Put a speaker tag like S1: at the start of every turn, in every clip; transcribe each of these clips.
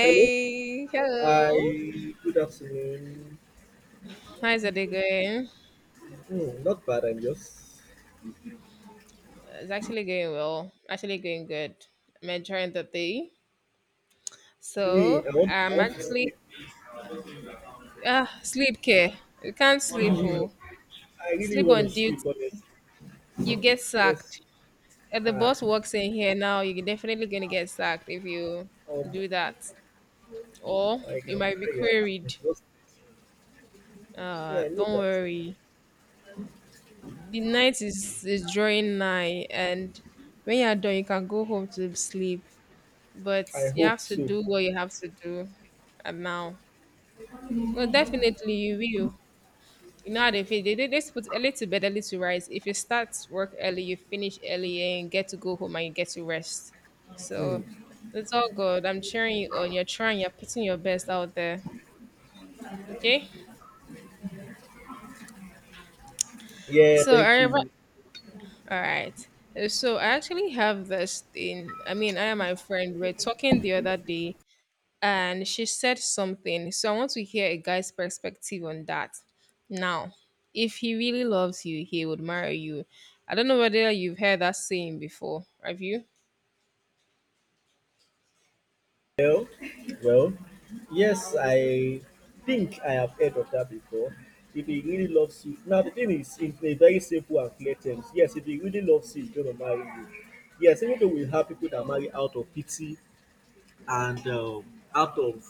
S1: Hello.
S2: Hello.
S1: I Good afternoon.
S2: How's the day going?
S1: Not bad. I'm just
S2: It's actually going well. Actually going good. I'm enjoying the day.
S1: me.
S2: So
S1: I
S2: I'm
S1: want to
S2: actually
S1: sleep.
S2: ah, sleep care. You can't sleep.
S1: Hmm,
S2: Oh,
S1: I really
S2: sleep
S1: want
S2: on
S1: to sleep.
S2: duty.
S1: Honestly,
S2: You get
S1: yes.
S2: sacked. If the
S1: Ah,
S2: boss walks in here now, you're definitely gonna get sacked if you
S1: um,
S2: do that, or
S1: like
S2: you
S1: I'm
S2: might be
S1: tired. I'm
S2: queried.
S1: exhausted. Yeah, I know
S2: Don't
S1: that.
S2: worry. The night is drawing nigh, and when you're done, you can go home to sleep. But
S1: I
S2: you
S1: hope
S2: have to
S1: so.
S2: do what you have to do. And now, no, definitely you will, you know how they feel, they put a little bed, a little rise. If you start work early, you finish early and get to go home and you get to rest. So
S1: Hmm.
S2: it's all good. I'm cheering you on. You're trying, you're putting your best out there. Okay.
S1: Yeah.
S2: so
S1: Thank
S2: I re-
S1: you.
S2: all right. So I actually have this thing, I and my friend were talking the other day, and she said something. So I want to hear a guy's perspective on that. Now, if he really loves you, he would marry you. I don't know whether you've heard that saying before. Have you?
S1: Well, well, yes, I think I have heard of that before. If he really loves you, now the thing is, in a very simple and clear terms, yes, if he really loves you, he's going to marry you. Yes, even though we have people that marry out of pity, and out of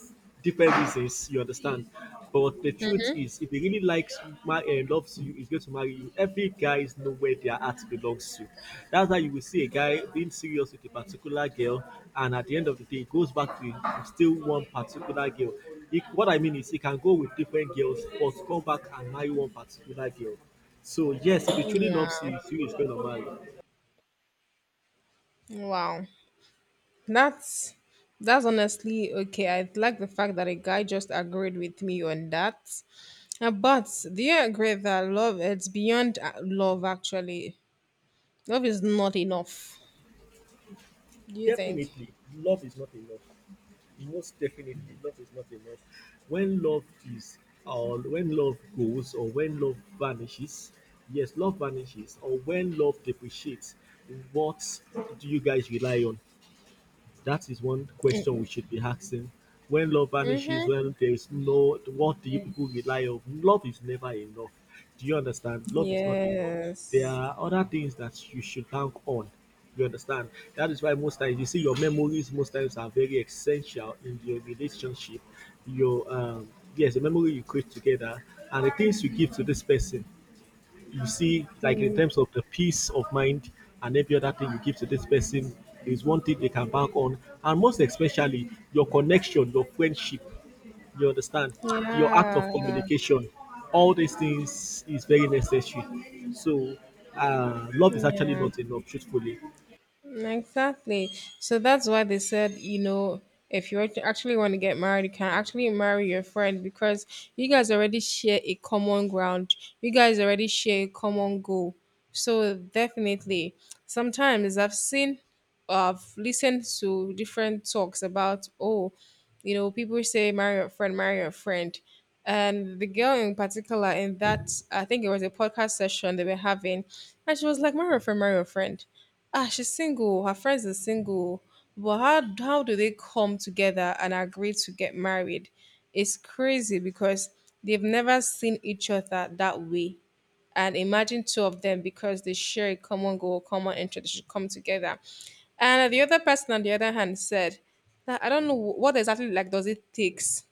S1: different reasons, you understand. But the truth is, if he really likes my and loves you, is going to marry you. Every guy is know where their heart belongs to. That's why you will see a guy being serious with a particular girl, and at the end of the day, it goes back to still one particular girl. He, what I mean is, he can go with different girls, but come back and marry one particular girl. So yes, if he truly
S2: Yeah.
S1: loves you, he is going to marry.
S2: Wow. That's that's honestly okay. I like the fact that a guy just agreed with me on that. But do you agree that love, it's beyond love actually? Love is not enough. Do you think?
S1: Definitely, love is not enough. Most definitely love is not enough when love is, or when love goes, or when love vanishes, yes, love vanishes, or when love depreciates, what do you guys rely on? That is one question we should be asking. When love vanishes,
S2: Mm-hmm.
S1: when there is no, what do you people rely on? Love is never enough. Do you understand? Love is not enough. There
S2: Yes.
S1: are other things that you should bank on. You understand? That is why most times you see your memories. Most times are very essential in your relationship. Your yes, the memory you create together and the things you give to this person you see, like in
S2: Hmm.
S1: terms of the peace of mind and every other thing you give to this person is one thing they can bank on. And most especially, your connection, your friendship, you understand, your act of
S2: Yeah,
S1: communication, all these things is very necessary. So, love is actually
S2: yeah.
S1: not enough, truthfully.
S2: Exactly. So that's why they said, you know, if you actually want to get married, you can actually marry your friend, because you guys already share a common ground. You guys already share a common goal. So definitely, sometimes I've seen, I've listened to different talks about, oh, you know, people say marry your friend, marry your friend. And the girl in particular, in that, I think it was a podcast session they were having, and she was like, marry your friend, marry your friend. Ah, she's single. Her friends are single. But how do they come together and agree to get married? It's crazy because they've never seen each other that way. And imagine two of them, because they share a common goal, common interest, they should come together. And the other person, on the other hand, said that I don't know what exactly like does it takes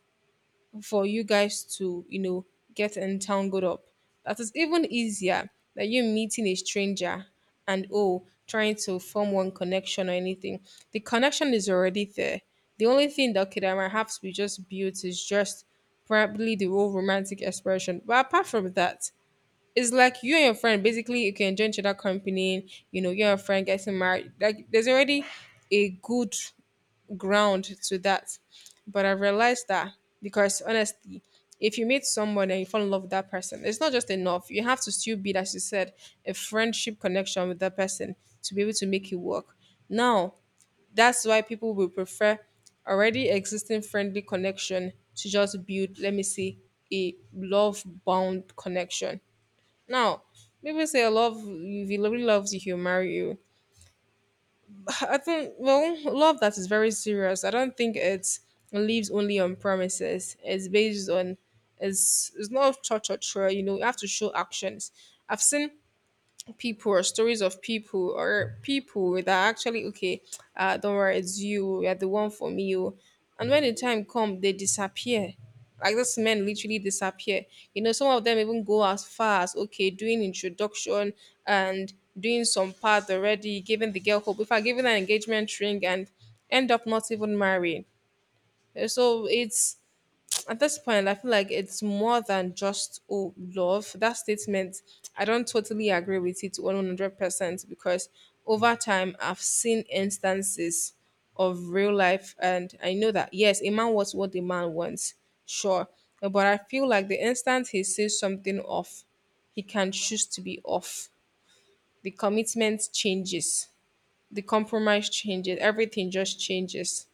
S2: for you guys to, you know, get entangled up. That is even easier than you meeting a stranger and, oh, trying to form one connection or anything. The connection is already there. The only thing that could perhaps be just built is just probably the whole romantic expression. But apart from that, it's like you and your friend basically, you can join each other company, you know, you and your friend getting married. Like there's already a good ground to that. But I realized that, because honestly, if you meet someone and you fall in love with that person, it's not just enough. You have to still build, as you said, a friendship connection with that person to be able to make it work. Now, that's why people will prefer already existing friendly connection to just build, let me see, a love bound connection. Now, people say I love, if he really loves you, he'll marry you. I think well, love that is very serious, I don't think it lives only on promises. It's based on, it's not cha cha cha. You know, you have to show actions. I've seen people or stories of people, or people that are actually okay, uh, don't worry, it's you, you're the one for me, oh. And when the time comes, they disappear. Like this men literally disappear. You know, some of them even go as far as okay doing introduction, and doing some part already giving the girl hope, if I giving an engagement ring, and end up not even marrying. So it's, at this point, I feel like it's more than just oh love. That statement, I don't totally agree with it 100%, because over time I've seen instances of real life, and I know that yes, a man wants what a man wants, sure, but I feel like the instant he sees something off, he can choose to be off. The commitment changes, the compromise changes, everything just changes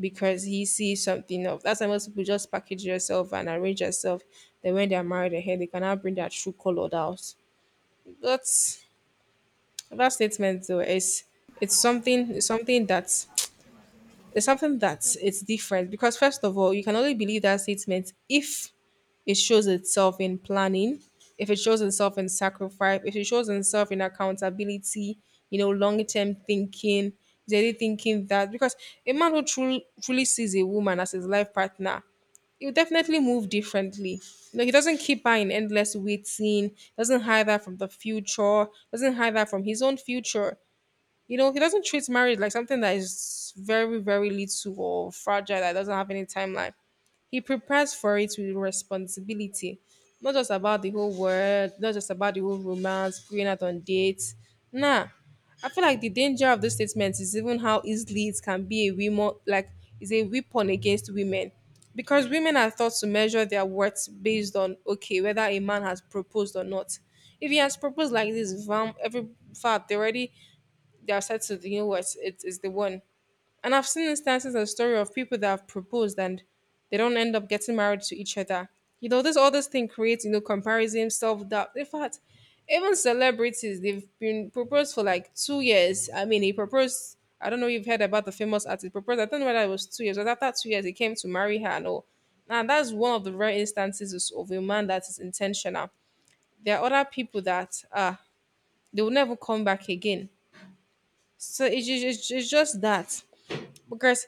S2: because he sees something of that's why most people just package yourself and arrange yourself. Then when they're married ahead, they cannot bring their true color out. That's that statement though, is it's something it's something that it's something that it's different, because first of all, you can only believe that statement if it shows itself in planning, if it shows itself in sacrifice, if it shows itself in accountability, you know, long term thinking, is really thinking that. Because a man who truly sees a woman as his life partner, he, you definitely move differently. You know, he doesn't keep her in endless waiting, doesn't hide that from the future, doesn't hide that from his own future. You know, he doesn't treat marriage like something that is very, very little or fragile that doesn't have any timeline. He prepares for it with responsibility. Not just about the whole world, not just about the whole romance, going out on dates. Nah. I feel like the danger of this statement is even how easily it can be a weapon, like, is a weapon against women, because women are thought to measure their worth based on okay whether a man has proposed or not. If he has proposed like this, vam, every fact they already, they are said to, you know, what it is, the one. And I've seen instances and story of people that have proposed and they don't end up getting married to each other. You know, this, all this thing creates, you know, comparison, self doubt. In fact, even celebrities, they've been proposed for like 2 years. I mean, he proposed, I don't know if you've heard about the famous artist proposed. I don't know whether it was 2 years, but after 2 years he came to marry her and all. Now that's one of the rare instances of a man that is intentional. There are other people that uh, they will never come back again. So it's, it's just that, because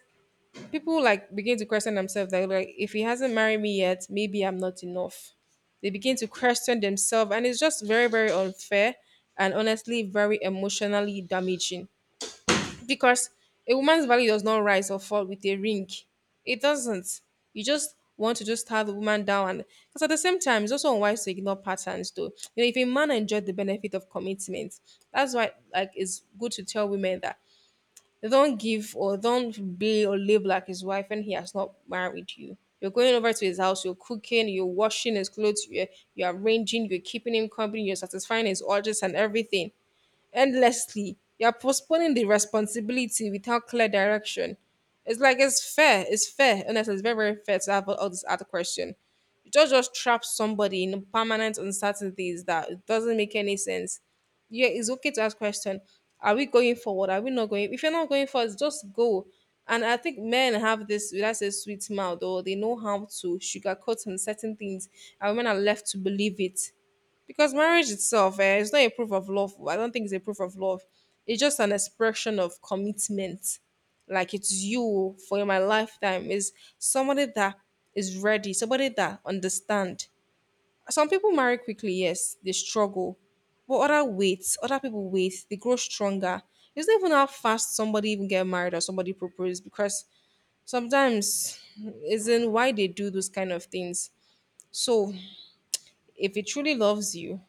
S2: people like begin to question themselves, that like if he hasn't married me yet, maybe I'm not enough. They begin to question themselves, and it's just very very unfair and honestly very emotionally damaging, because a woman's value does not rise or fall with a ring. It doesn't. You just want to just tear the woman down. And because at the same time, it's also unwise to ignore patterns. Though, you know, if a man enjoyed the benefit of commitment, that's why like it's good to tell women that they don't give or don't be or live like his wife when he has not married you. You're going over to his house, you're cooking, you're washing his clothes, you're arranging, you're keeping him company, you're satisfying his orders and everything endlessly. You're postponing the responsibility without clear direction. It's like it's fair. It's fair. Honestly, it's very, very fair to have all this other question. You don't just trap somebody in permanent uncertainties, that it doesn't make any sense. Yeah, it's okay to ask question. Are we going forward? Are we not going? If you're not going forward, just go. And I think men have this, that's a sweet mouth, or they know how to sugarcoat on certain things, and women are left to believe it, because marriage itself, eh, it's not a proof of love. I don't think it's a proof of love. It's just an expression of commitment, like it's you for my lifetime. Is somebody that is ready, somebody that understand. Some people marry quickly, yes, they struggle, but other people wait, they grow stronger. It's not even how fast somebody even get married or somebody propose, because sometimes isn't why they do those kind of things. So, if it truly loves you,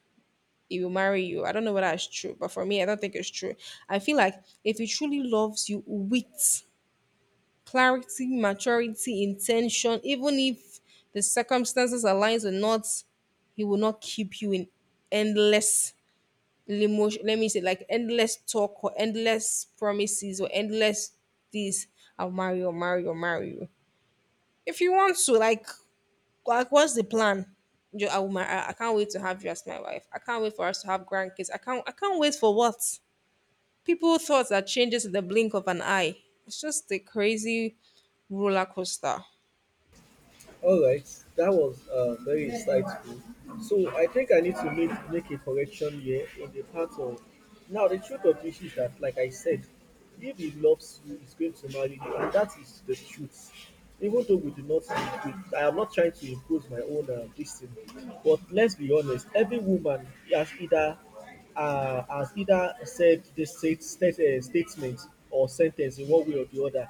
S2: he will marry you. I don't know whether it's true, but for me, I don't think it's true. I feel like if he truly loves you with clarity, maturity, intention, even if the circumstances aligns or not, he will not keep you in endless limo. Let me say like endless talk or endless promises or endless this. I'll marry you, I'll marry you, I'll marry you. If you want to, like, what's the plan? Jo- I, will mar- I can't wait to have you as my wife. I can't wait for us to have grandkids. I can't. I can't wait for what? People thoughts that changes in the blink of an eye. It's just a crazy roller coaster.
S1: All right, that was very insightful. So I think I need to make a correction here in the part of now the truth of the issue is that, like I said, if he loves you, he's going to marry you, and that is the truth. Even though we do not, I am not trying to impose my own this thing, but let's be honest. Every woman has either has either said this statement or sentence in one way or the other,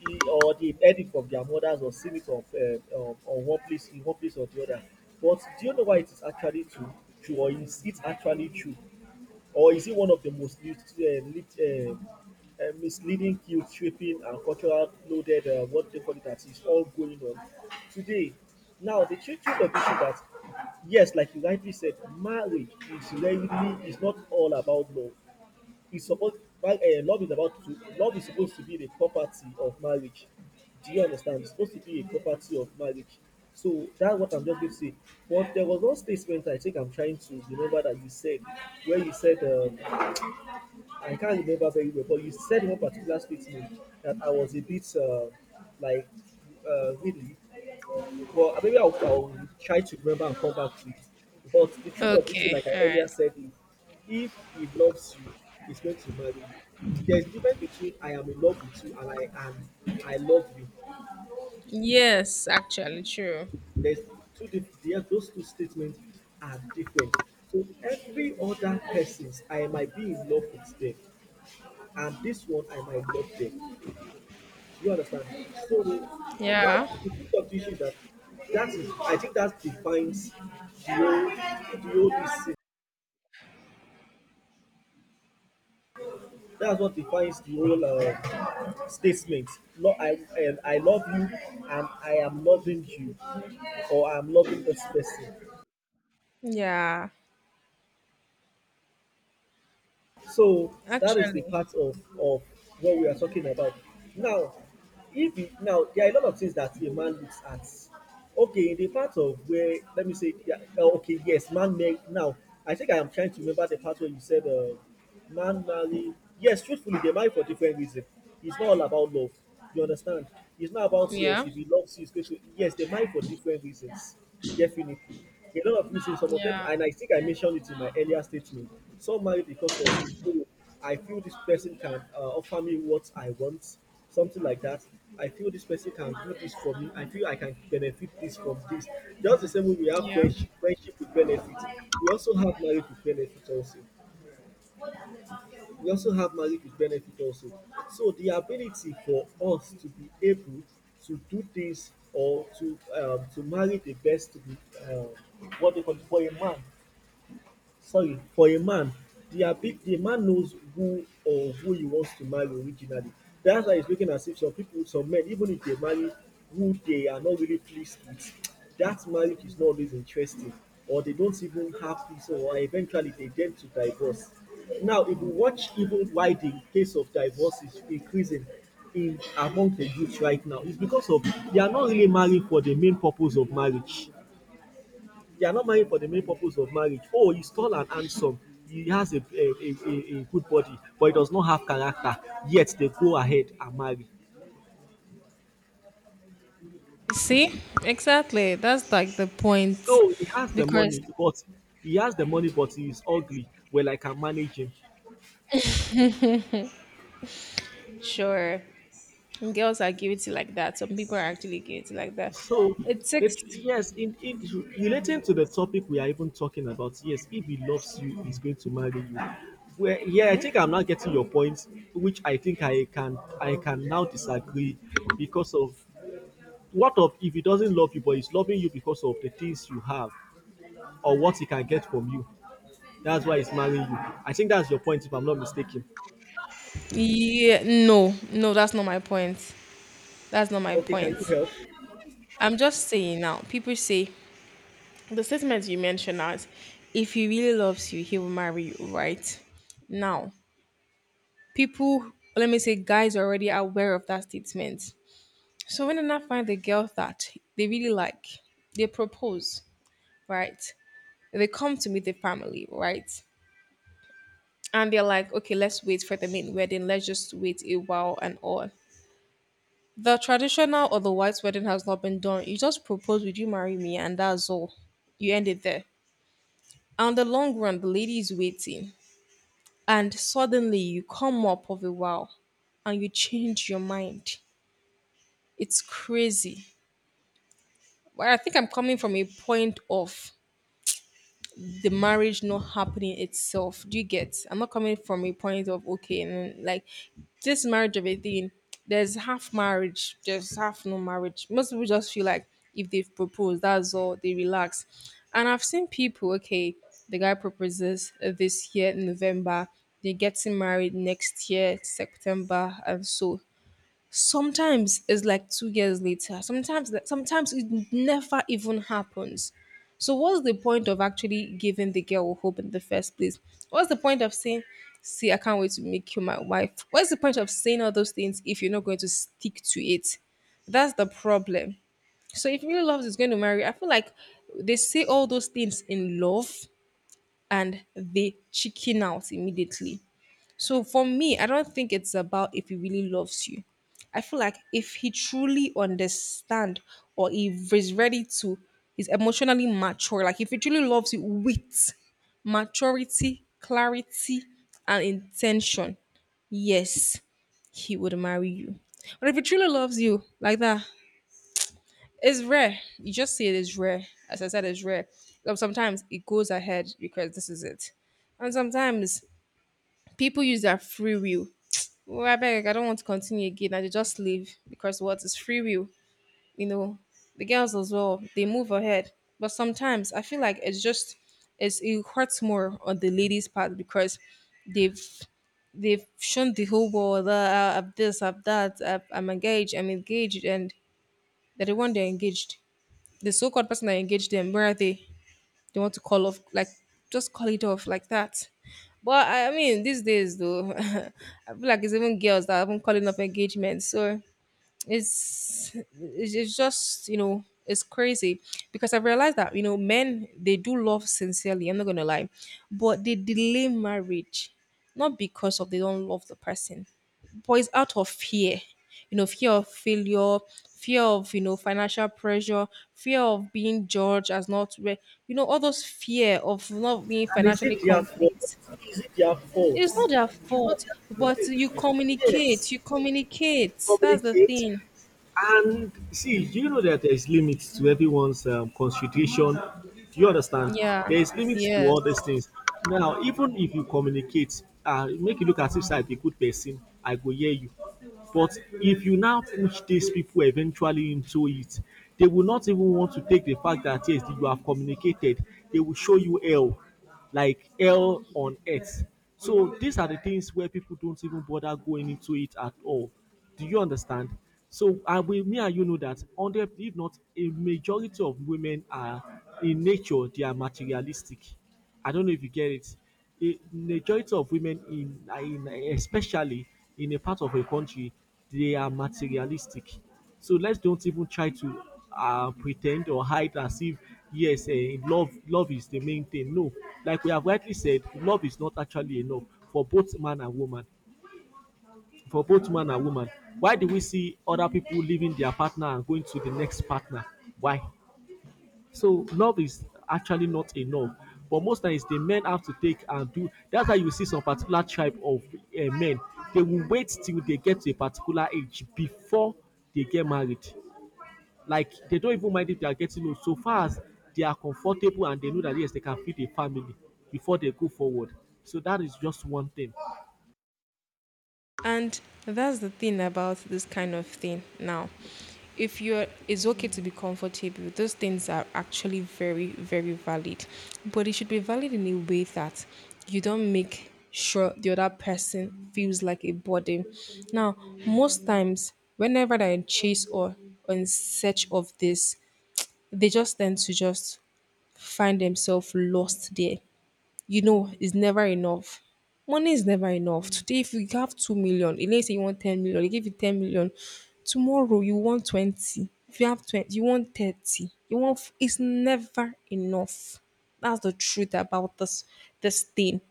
S1: or they edit heard from their mothers or seen it from, on one place, in one place or the other. But do you know why it is actually true? Or is it actually true? Or is it one of the most used, misleading, guilt tripping, and cultural loaded, what they call it, that is all going on today? Now, the truth of it is that, yes, like you rightly said, marriage is really is not all about love is supposed uh, love is about to love is supposed to be the property of marriage. Do you understand? It's supposed to be a property of marriage. So that's what I'm just going to say. But there was one statement I think I'm trying to remember that you said where you said I can't remember very well, but you said in one particular statement that I was a bit like, really. Well, maybe I'll try to remember and come back to it. But the truth of the issue,
S2: Okay,
S1: like I
S2: all
S1: earlier
S2: right.
S1: said, is if he loves you, he's going to marry you. There's difference between I am in love with you and I am I love you.
S2: Yes, actually, true.
S1: There's those two statements are different. So every other persons I might be in love with them, and this one I might love them. You understand? So
S2: Yeah,
S1: that the truth of the is that that is I think that defines the whole this thing. That's what defines the whole statement. No, I and I love you and I am loving you or I'm loving this person.
S2: yeah,
S1: So that is the
S2: actually,
S1: part of what we are talking about. Now, if it, now there are a lot of things that a man looks at. Okay, in the part of where let me say, yeah, okay, yes, man marry. Now, I think I am trying to remember the part where you said, man marry. Yes, truthfully, they marry for different reasons. It's not all about love. You understand? It's not about yes,
S2: yeah,
S1: if he loves you, it's going to yes, they marry for different reasons. Definitely. A lot of reasons, some of them
S2: yeah,
S1: and I think I mentioned it in my earlier statement. Some marry because of oh, I feel this person can offer me what I want, something like that. I feel this person can do this for me. I feel I can benefit this from this. Just the same way we have
S2: yeah.
S1: friendship, friendship with benefit. We also have marriage with benefit also we also have marriage with benefit also. So the ability for us to be able to do things or to marry the best um, what they call it, for a man, the man knows who or who he wants to marry originally. That's why it's looking as if some people, some men, even if they marry who they are not really pleased with, that marriage is not always interesting, or they don't even have peace, or eventually they tend to divorce. Now, if you watch even why the case of divorce is increasing in among the youth right now, it's because of they are not really marrying for the main purpose of marriage they are not married for the main purpose of marriage. Oh, he's tall and handsome. He has good body, but he does not have character. Yet they go ahead and marry.
S2: See, exactly. That's like the point,
S1: Oh, he has the
S2: because
S1: money, but he is ugly. Well, I can manage him.
S2: sure. Girls are guilty like that. Some people are actually guilty like that.
S1: So,
S2: It takes.
S1: yes, in relating to the topic we are even talking about, yes, if he loves you, he's going to marry you. Well, yeah, I think
S2: Mhm.
S1: I'm not getting your point, which I think I can now disagree because of what of if he doesn't love you, but he's loving you because of the things you have or what he can get from you? That's why he's marrying you. I think that's your point, if I'm not mistaken.
S2: Yeah, that's not my point. That's not my
S1: Okay, can you
S2: point.
S1: help?
S2: I'm just saying now, people say the statement you mentioned out, if he really loves you, he will marry you, right? Now, people, let me say, guys are already aware of that statement. So when they now find the girl that they really like, they propose, right? They come to meet the family, right? And they're like, okay, let's wait for the main wedding. Let's just wait a while and all. The traditional or the white wedding has not been done. You just propose, would you marry me? And that's all. You end it there. On the long run, the lady is waiting. And suddenly you come up of a while and you change your mind. It's crazy. But I think I'm coming from a point of the marriage not happening itself. Do you get? I'm not coming from a point of okay, and like this marriage of a thing. There's half marriage, there's half no marriage. Most people just feel like if they've proposed, that's all they relax. And I've seen people, okay, the guy proposes this year in November, they're getting married next year, September, and so sometimes it's like 2 years later. Sometimes it never even happens. So what's the point of actually giving the girl hope in the first place? What's the point of saying, "See, I can't wait to make you my wife"? What's the point of saying all those things if you're not going to stick to it? That's the problem. So if really loves is going to marry, I feel like they say all those things in love and they chicken out immediately. So for me, I don't think it's about if he really loves you. I feel like if he truly understand or if he's ready to, he's emotionally mature. Like if he truly loves you with maturity, clarity, and intention, yes, he would marry you. But if he truly loves you like that, it's rare. You just see it is rare. As I said, it's rare. But sometimes it goes ahead because this is it. And sometimes people use their free will. Oh, I beg, I don't want to continue again. I dey just leave because what is free will, you know. The girls as well, they move ahead. But sometimes I feel like it's just it hurts more on the ladies' part because they've they've shown the whole world that I've this, I've that, I've, I'm engaged, and they're the one they're engaged. The so-called person that engaged them, where are they? They want to call off, like, just call it off like that. But I mean, these days, though, I feel like it's even girls that have been calling up engagements. So it's just it's crazy because I realized that you know men, they do love sincerely, I'm not gonna lie, but they delay marriage, not because of they don't love the person, but it's out of fear. You know, fear of failure, fear of financial pressure, fear of being judged as not you know, all those fear of not being
S1: And is
S2: financially
S1: it their fault?
S2: complete.
S1: Is it their fault?
S2: It's not their
S1: It's not
S2: fault, but
S1: their
S2: you
S1: fault. Yes,
S2: communicate, that's the
S1: communicate,
S2: thing.
S1: and see, you know that there's limits to everyone's constitution. Do you understand?
S2: Yeah.
S1: There's limits to all
S2: Yes.
S1: these things. Now, even if you communicate, make you look as if I be good person, I go hear you. But if you now push these people eventually into it, they will not even want to take the fact that yes, you have communicated. They will show you hell, like hell on earth. So these are the things where people don't even bother going into it at all. Do you understand? So I will me and you know that hundred if not a majority of women are in nature they are materialistic. I don't know if you get it. A majority of women in especially in a part of a country they are materialistic. So let's don't even try to pretend or hide as if yes, love is the main thing. No, like we have rightly said, love is not actually enough for both man and woman for both man and woman. Why do we see other people leaving their partner and going to the next partner? Why? So love is actually not enough. But most times the men have to take and do. That's why you see some particular tribe of men. They will wait till they get to a particular age before they get married. Like they don't even mind if they are getting old, so far as they are comfortable and they know that yes, they can feed a family before they go forward. So that is just one thing.
S2: And that's the thing about this kind of thing. Now, if you're, it's okay to be comfortable. Those things are actually very, very valid, but it should be valid in a way that you don't make sure the other person feels like a burden. Now, most times, whenever they're in chase or in search of this, they just tend to just find themselves lost there. You know, it's never enough. Money is never enough. Today, if you have 2 million, and let's say you want 10 million, they give you 10 million. Tomorrow you want 20. If you have 20, you want 30. You want. It's never enough. That's the truth about this thing.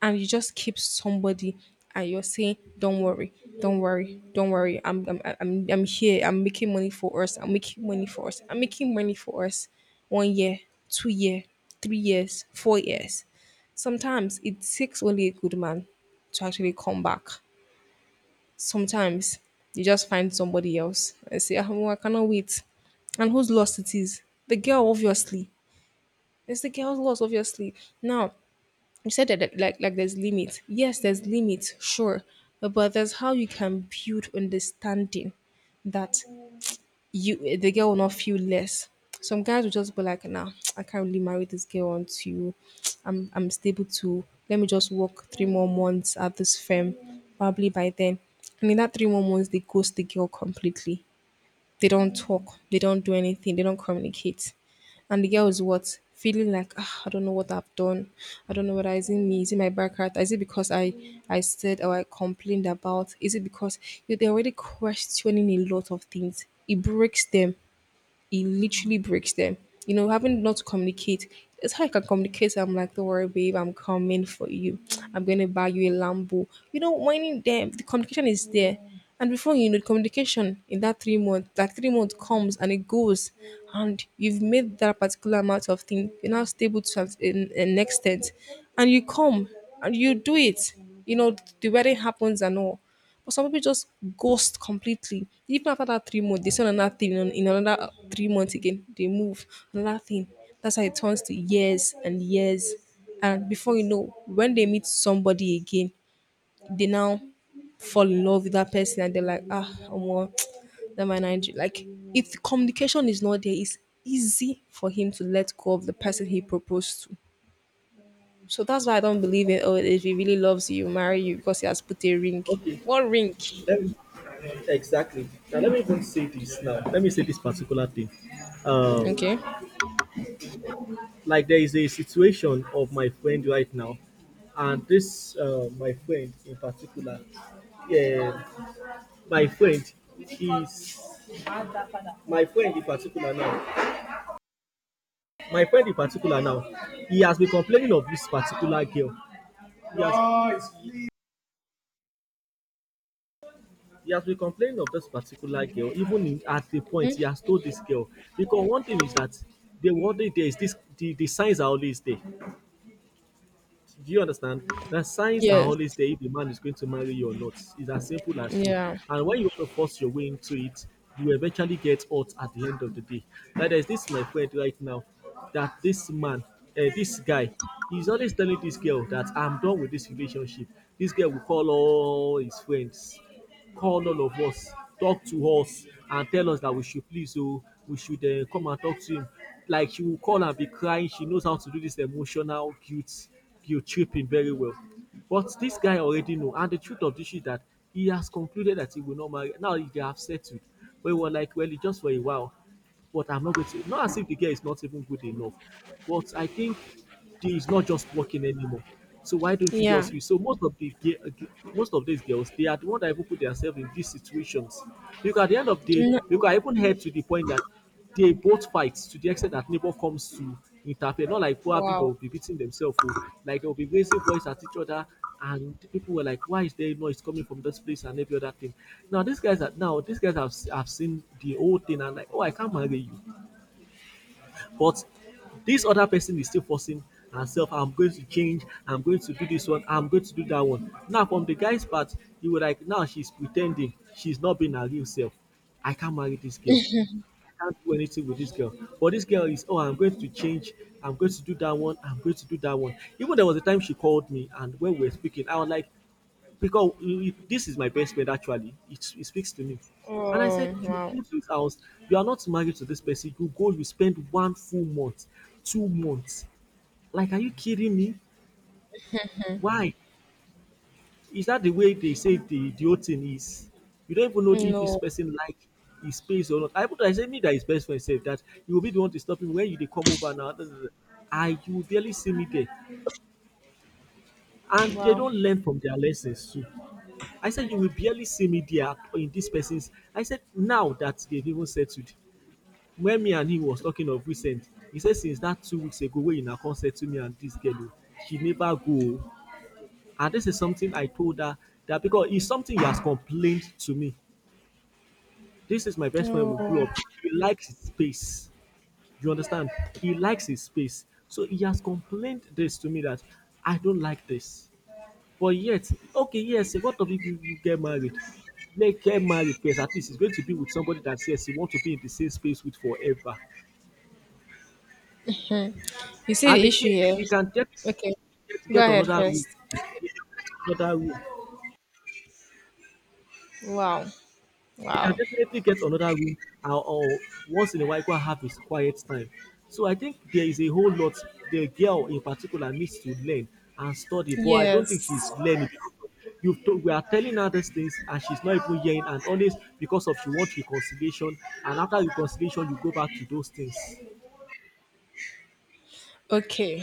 S2: And you just keep somebody and you're saying don't worry, don't worry, I'm here, I'm making money for us I'm making money for us I'm making money for us. 1 year, 2 year, 3 years, 4 years. Sometimes it takes only a good man to actually come back. Sometimes you just find somebody else and say, oh, I cannot wait. And whose loss it is? The girl, obviously. It's the girl's loss, obviously. Now, you said that like there's limits. Yes, there's limits, sure, but there's how you can build understanding that you, the girl, will not feel less. Some guys will just be like, nah, I can't really marry this girl until I'm stable to, let me just work three more months at this firm, probably by then. And in that three more months, they ghost the girl completely. They don't talk. They don't do anything. They don't communicate. And the girl is what? Feeling like, ah, I don't know what I've done. I don't know what is it me. Is it my back hurt? Is it because I said or I complained about? Is it because you know, they're already questioning a lot of things? It breaks them, it literally breaks them. You know, having not to communicate, it's how I can communicate. I'm like, don't worry, babe, I'm coming for you. I'm gonna buy you a Lambo. You know, whining them, the communication is there. And before you know, the communication in that 3 month, that 3 month comes and it goes, and you've made that particular amount of thing. You're now stable to have an extent, and you come and you do it. You know, the wedding happens and all, but some people just ghost completely. Even after that 3 months, they say another thing in another 3 months again. They move another thing. That's how it turns to years and years. And before you know, when they meet somebody again, they now fall in love with that person and they're like, ah, I'm more that man Nigeria. Like if the communication is not there, it's easy for him to let go of the person he proposed to. So that's why I don't believe in oh if he really loves you, marry you because he has put a ring.
S1: Okay,
S2: What ring?
S1: let me, exactly. Now let me even say this now. Let me say this particular thing. Um,
S2: Okay.
S1: like there is a situation of my friend right now, and this my friend in particular, yeah, my friend, he's my friend in particular now. My friend in particular now, he has been complaining of this particular girl. He has He has been complaining of this particular girl, even in, at the point he has told this girl. Because one thing is that the what worry there is this the signs are always there. Do you understand? The signs are
S2: Yes.
S1: always there if the man is going to marry you or not. It's as simple as you.
S2: Yeah.
S1: And when you want to force your way into it, you eventually get hurt at the end of the day. Like there's this my friend right now that this man, this guy, he's always telling this girl that I'm done with this relationship. This girl will call all his friends, call all of us, talk to us, and tell us that we should please, oh, we should come and talk to him. Like she will call and be crying. She knows how to do this emotional guilt, guilt tripping very well. But this guy already know, and the truth of this is that he has concluded that he will not marry. Now they have settled. We were like, well, it's just for a while, but I'm not going to. Not as if the girl is not even good enough, but I think it's not just working anymore. So why don't you
S2: Yeah.
S1: just? So most of most of these girls, they are the one that even put themselves in these situations. Because at the end of the day,
S2: N-
S1: you I even heard to the point that they both fight to the extent that neighbor comes to interfere. Not like probably they
S2: wow.
S1: will be beating themselves, or like they will be raising voice at each other, and the people were like, "Why is there noise coming from this place and every other thing?" Now these guys have seen the whole thing and like, "Oh, I can't marry you," but this other person is still forcing herself. I'm going to change. I'm going to do this one. I'm going to do that one. Now from the guy's part, you were like, "Now she's pretending. She's not being her real self. I can't marry this girl." I can't do anything with this girl. But this girl is, oh, I'm going to change. I'm going to do that one. I'm going to do that one. Even there was a time she called me, and when we were speaking, I was like, because this is my best friend, actually it speaks to me. And I said,
S2: Oh,
S1: you
S2: wow.
S1: came to his house, you are not married to this person, you spend one full month, 2 months, like, are you kidding me? Why is that the way they say? The whole thing is you don't even know if this
S2: No.
S1: person like his space or not. I said, me, that his best friend said that you will be the one to stop him when you they come over now. I You will barely see me there. And they
S2: Wow.
S1: don't learn from their lessons too. I said, you will barely see me there in this person's. I said, now that they've even settled, when me and him was talking of recent, he said, since that 2 weeks ago, when you now come settle me and this girl, oh, she never go. Oh. And this is something I told her, that because it's something he has complained to me. This is my best friend. We grew
S2: No.
S1: up. He likes his space. You understand? He likes his space. So he has complained this to me that I don't like this. But yet, okay, yes, what of if you get married? Make get married first. At least it's going to be with somebody that says you want to be in the same space with forever.
S2: You see
S1: And
S2: the
S1: again,
S2: issue here?
S1: you can definitely
S2: Okay.
S1: get,
S2: Go
S1: get
S2: ahead
S1: another room.
S2: first.
S1: Another room.
S2: Wow.
S1: I can
S2: Wow.
S1: definitely get another room, or once in a while go and have his quiet time. So I think there is a whole lot the girl in particular needs to learn and study, but I don't think she's
S2: Yes.
S1: learning. We are telling her these things and she's not even hearing, and always because of she wants reconciliation, and after reconciliation you go back to those things.
S2: Okay.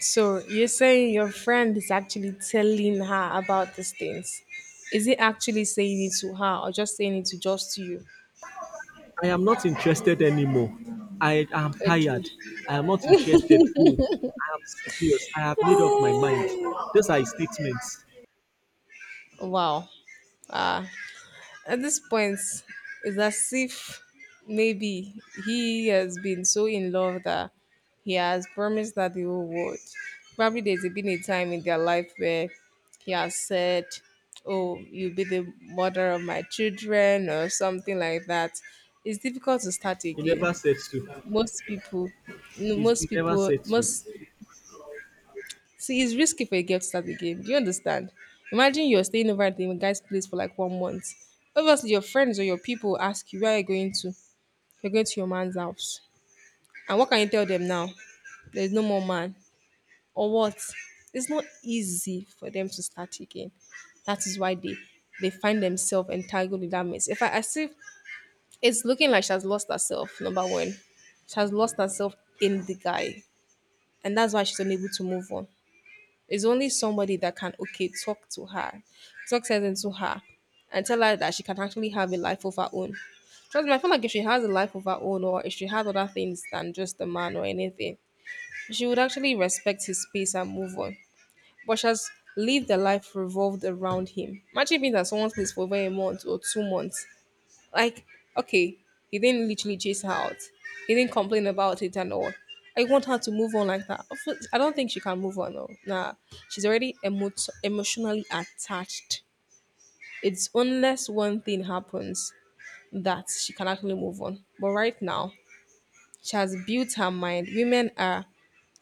S2: So you're saying your friend is actually telling her about these things. Is he actually saying it to her or just saying it to just you?
S1: I am not interested anymore. I am
S2: Okay.
S1: tired. I am not interested. Go. I am serious. I have made up my mind.
S2: Eh.
S1: Those are his statements.
S2: Wow. Ah, at this point, it's as if maybe he has been so in love that he has promised that the whole world. Probably there's been a time in their life where he has said, oh, you'll be the mother of my children, or something like that. It's difficult to start
S1: He
S2: again.
S1: never said so.
S2: Most people,
S1: He's,
S2: most
S1: he never
S2: people,
S1: said so.
S2: most See, it's risky for a girl to start the game. Do you understand? Imagine you're staying over at the guy's place for like 1 month. Obviously, your friends or your people ask you where you're going to. You're going to your man's house. And what can you tell them now? There's no more man. Or what? It's not easy for them to start again. That is why they find themselves entangled in that mess. If I, I see it's looking like she has lost herself, number one. She has lost herself in the guy. And that's why she's unable to move on. Is only somebody that can okay talk to her, talk sense into her, and tell her that she can actually have a life of her own. Trust me, I feel like if she has a life of her own, or if she had other things than just a man or anything, she would actually respect his space and move on. But she has lived a life revolved around him. Imagine being at someone's place for over a month or 2 months, like, okay, he didn't literally chase her out. He didn't complain about it and all. I want her to move on like that. Of course- I don't think she can move on though. Nah, she's already emotionally attached. It's unless one thing happens that she can actually move on. But right now, she has built her mind. Women are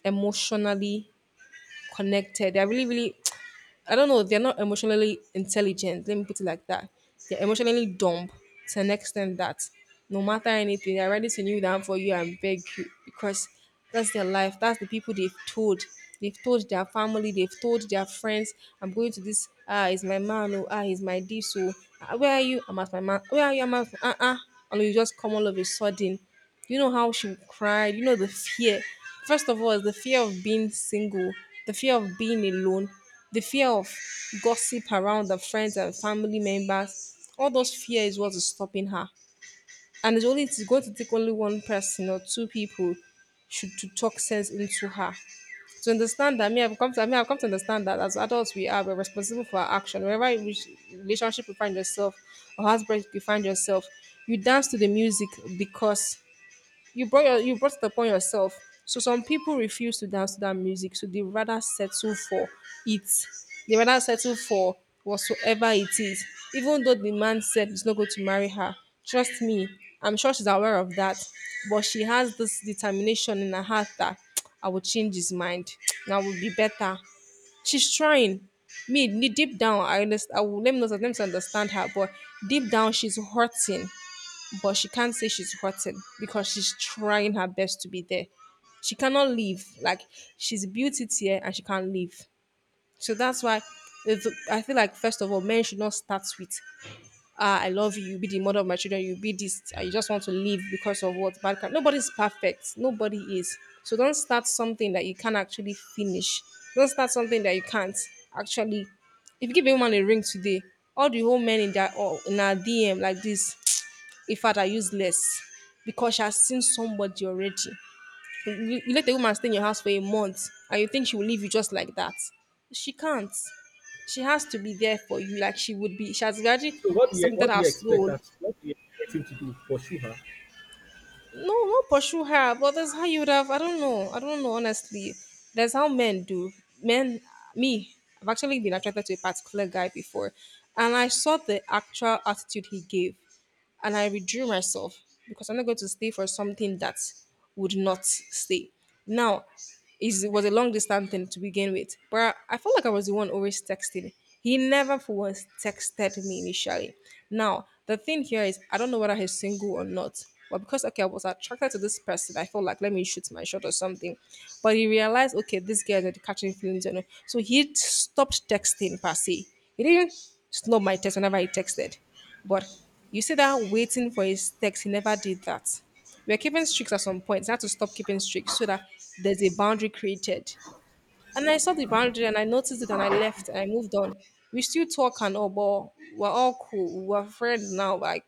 S2: emotionally connected. They're really I don't know, they're not emotionally intelligent. Let me put it like that. They're emotionally dumb to an extent that no matter anything, they're ready to kneel down for you and beg you because that's their life. That's the people they've told. They've told their family, they've told their friends, I'm going to this, it's my man, oh, ah, he's my this, so ah, where are you? I'm at my man, where are you? I'm at. And you just come all of a sudden. You know how she cried, you know the fear. First of all, the fear of being single, the fear of being alone, the fear of gossip around the friends and family members, all those fear is what is stopping her. And it's going to take only one person or two people should to talk sense into her. To understand that, me, I've come to understand that as adults we're responsible for our action. Wherever in which relationship you find yourself or husband you find yourself, you dance to the music because you brought it upon yourself. So some people refuse to dance to that music, so they rather settle for it. They rather settle for whatsoever it is, even though the man said he's not going to marry her. Trust me, I'm sure she's aware of that, but she has this determination in her heart that I will change his mind. Now will be better. She's trying. Me, deep down, I understand. I will, let me not let me understand her, but deep down, she's hurting but she can't say she's hurting because she's trying her best to be there. She cannot leave. Like she's a beauty tier and she can't leave. So that's why if, I feel like first of all, men should not start with ah, I love you, you be the mother of my children, you be this, I just want to leave because of what bad can nobody's perfect. Nobody is. So don't start something that you can't actually finish. Don't start something that you can't actually if you give a woman a ring today, all the whole men in that or in our DM like this, in fact, I use less because she has seen somebody already. You let a woman stay in your house for a month and you think she will leave you just like that. She can't. She has to be there for you, like she would be. She has already
S1: So
S2: submitted her soul.
S1: what do you expect him to do? Pursue her?
S2: No, no, pursue her, but that's how you would have. I don't know. I don't know, honestly. That's how men do. Men, me, I've actually been attracted to a particular guy before, and I saw the actual attitude he gave and I withdrew myself because I'm not going to stay for something that would not stay. Now, is it was a long distance thing to begin with, but I felt like I was the one always texting. He never for once texted me initially. Now, the thing here is I don't know whether he's single or not. But because okay, I was attracted to this person, I felt like let me shoot my shot or something. But he realized, okay, this guy is already catching feelings, you know. So he stopped texting per se. He didn't snub my text whenever I texted. But you see that waiting for his text, he never did that. We're keeping streaks at some point. He had to stop keeping streaks so that there's a boundary created. And I saw the boundary and I noticed it and I left and I moved on. We still talk and all, but we're all cool. We're friends now. Like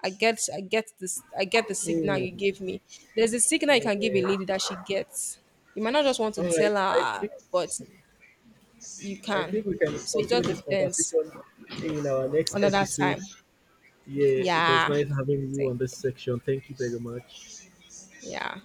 S2: I get the signal you gave me. There's a signal you
S1: Yeah.
S2: can give a lady that she gets. You might not just want
S1: All
S2: to
S1: right.
S2: tell
S1: I
S2: her,
S1: think
S2: but you
S1: I
S2: can.
S1: think we can
S2: So it
S1: continue
S2: just
S1: this
S2: depends.
S1: conversation in our next
S2: Another
S1: episode.
S2: time.
S1: Yeah, it was
S2: Yeah.
S1: nice having you on
S2: Thank
S1: this
S2: you.
S1: section. Thank you very much.
S2: Yeah.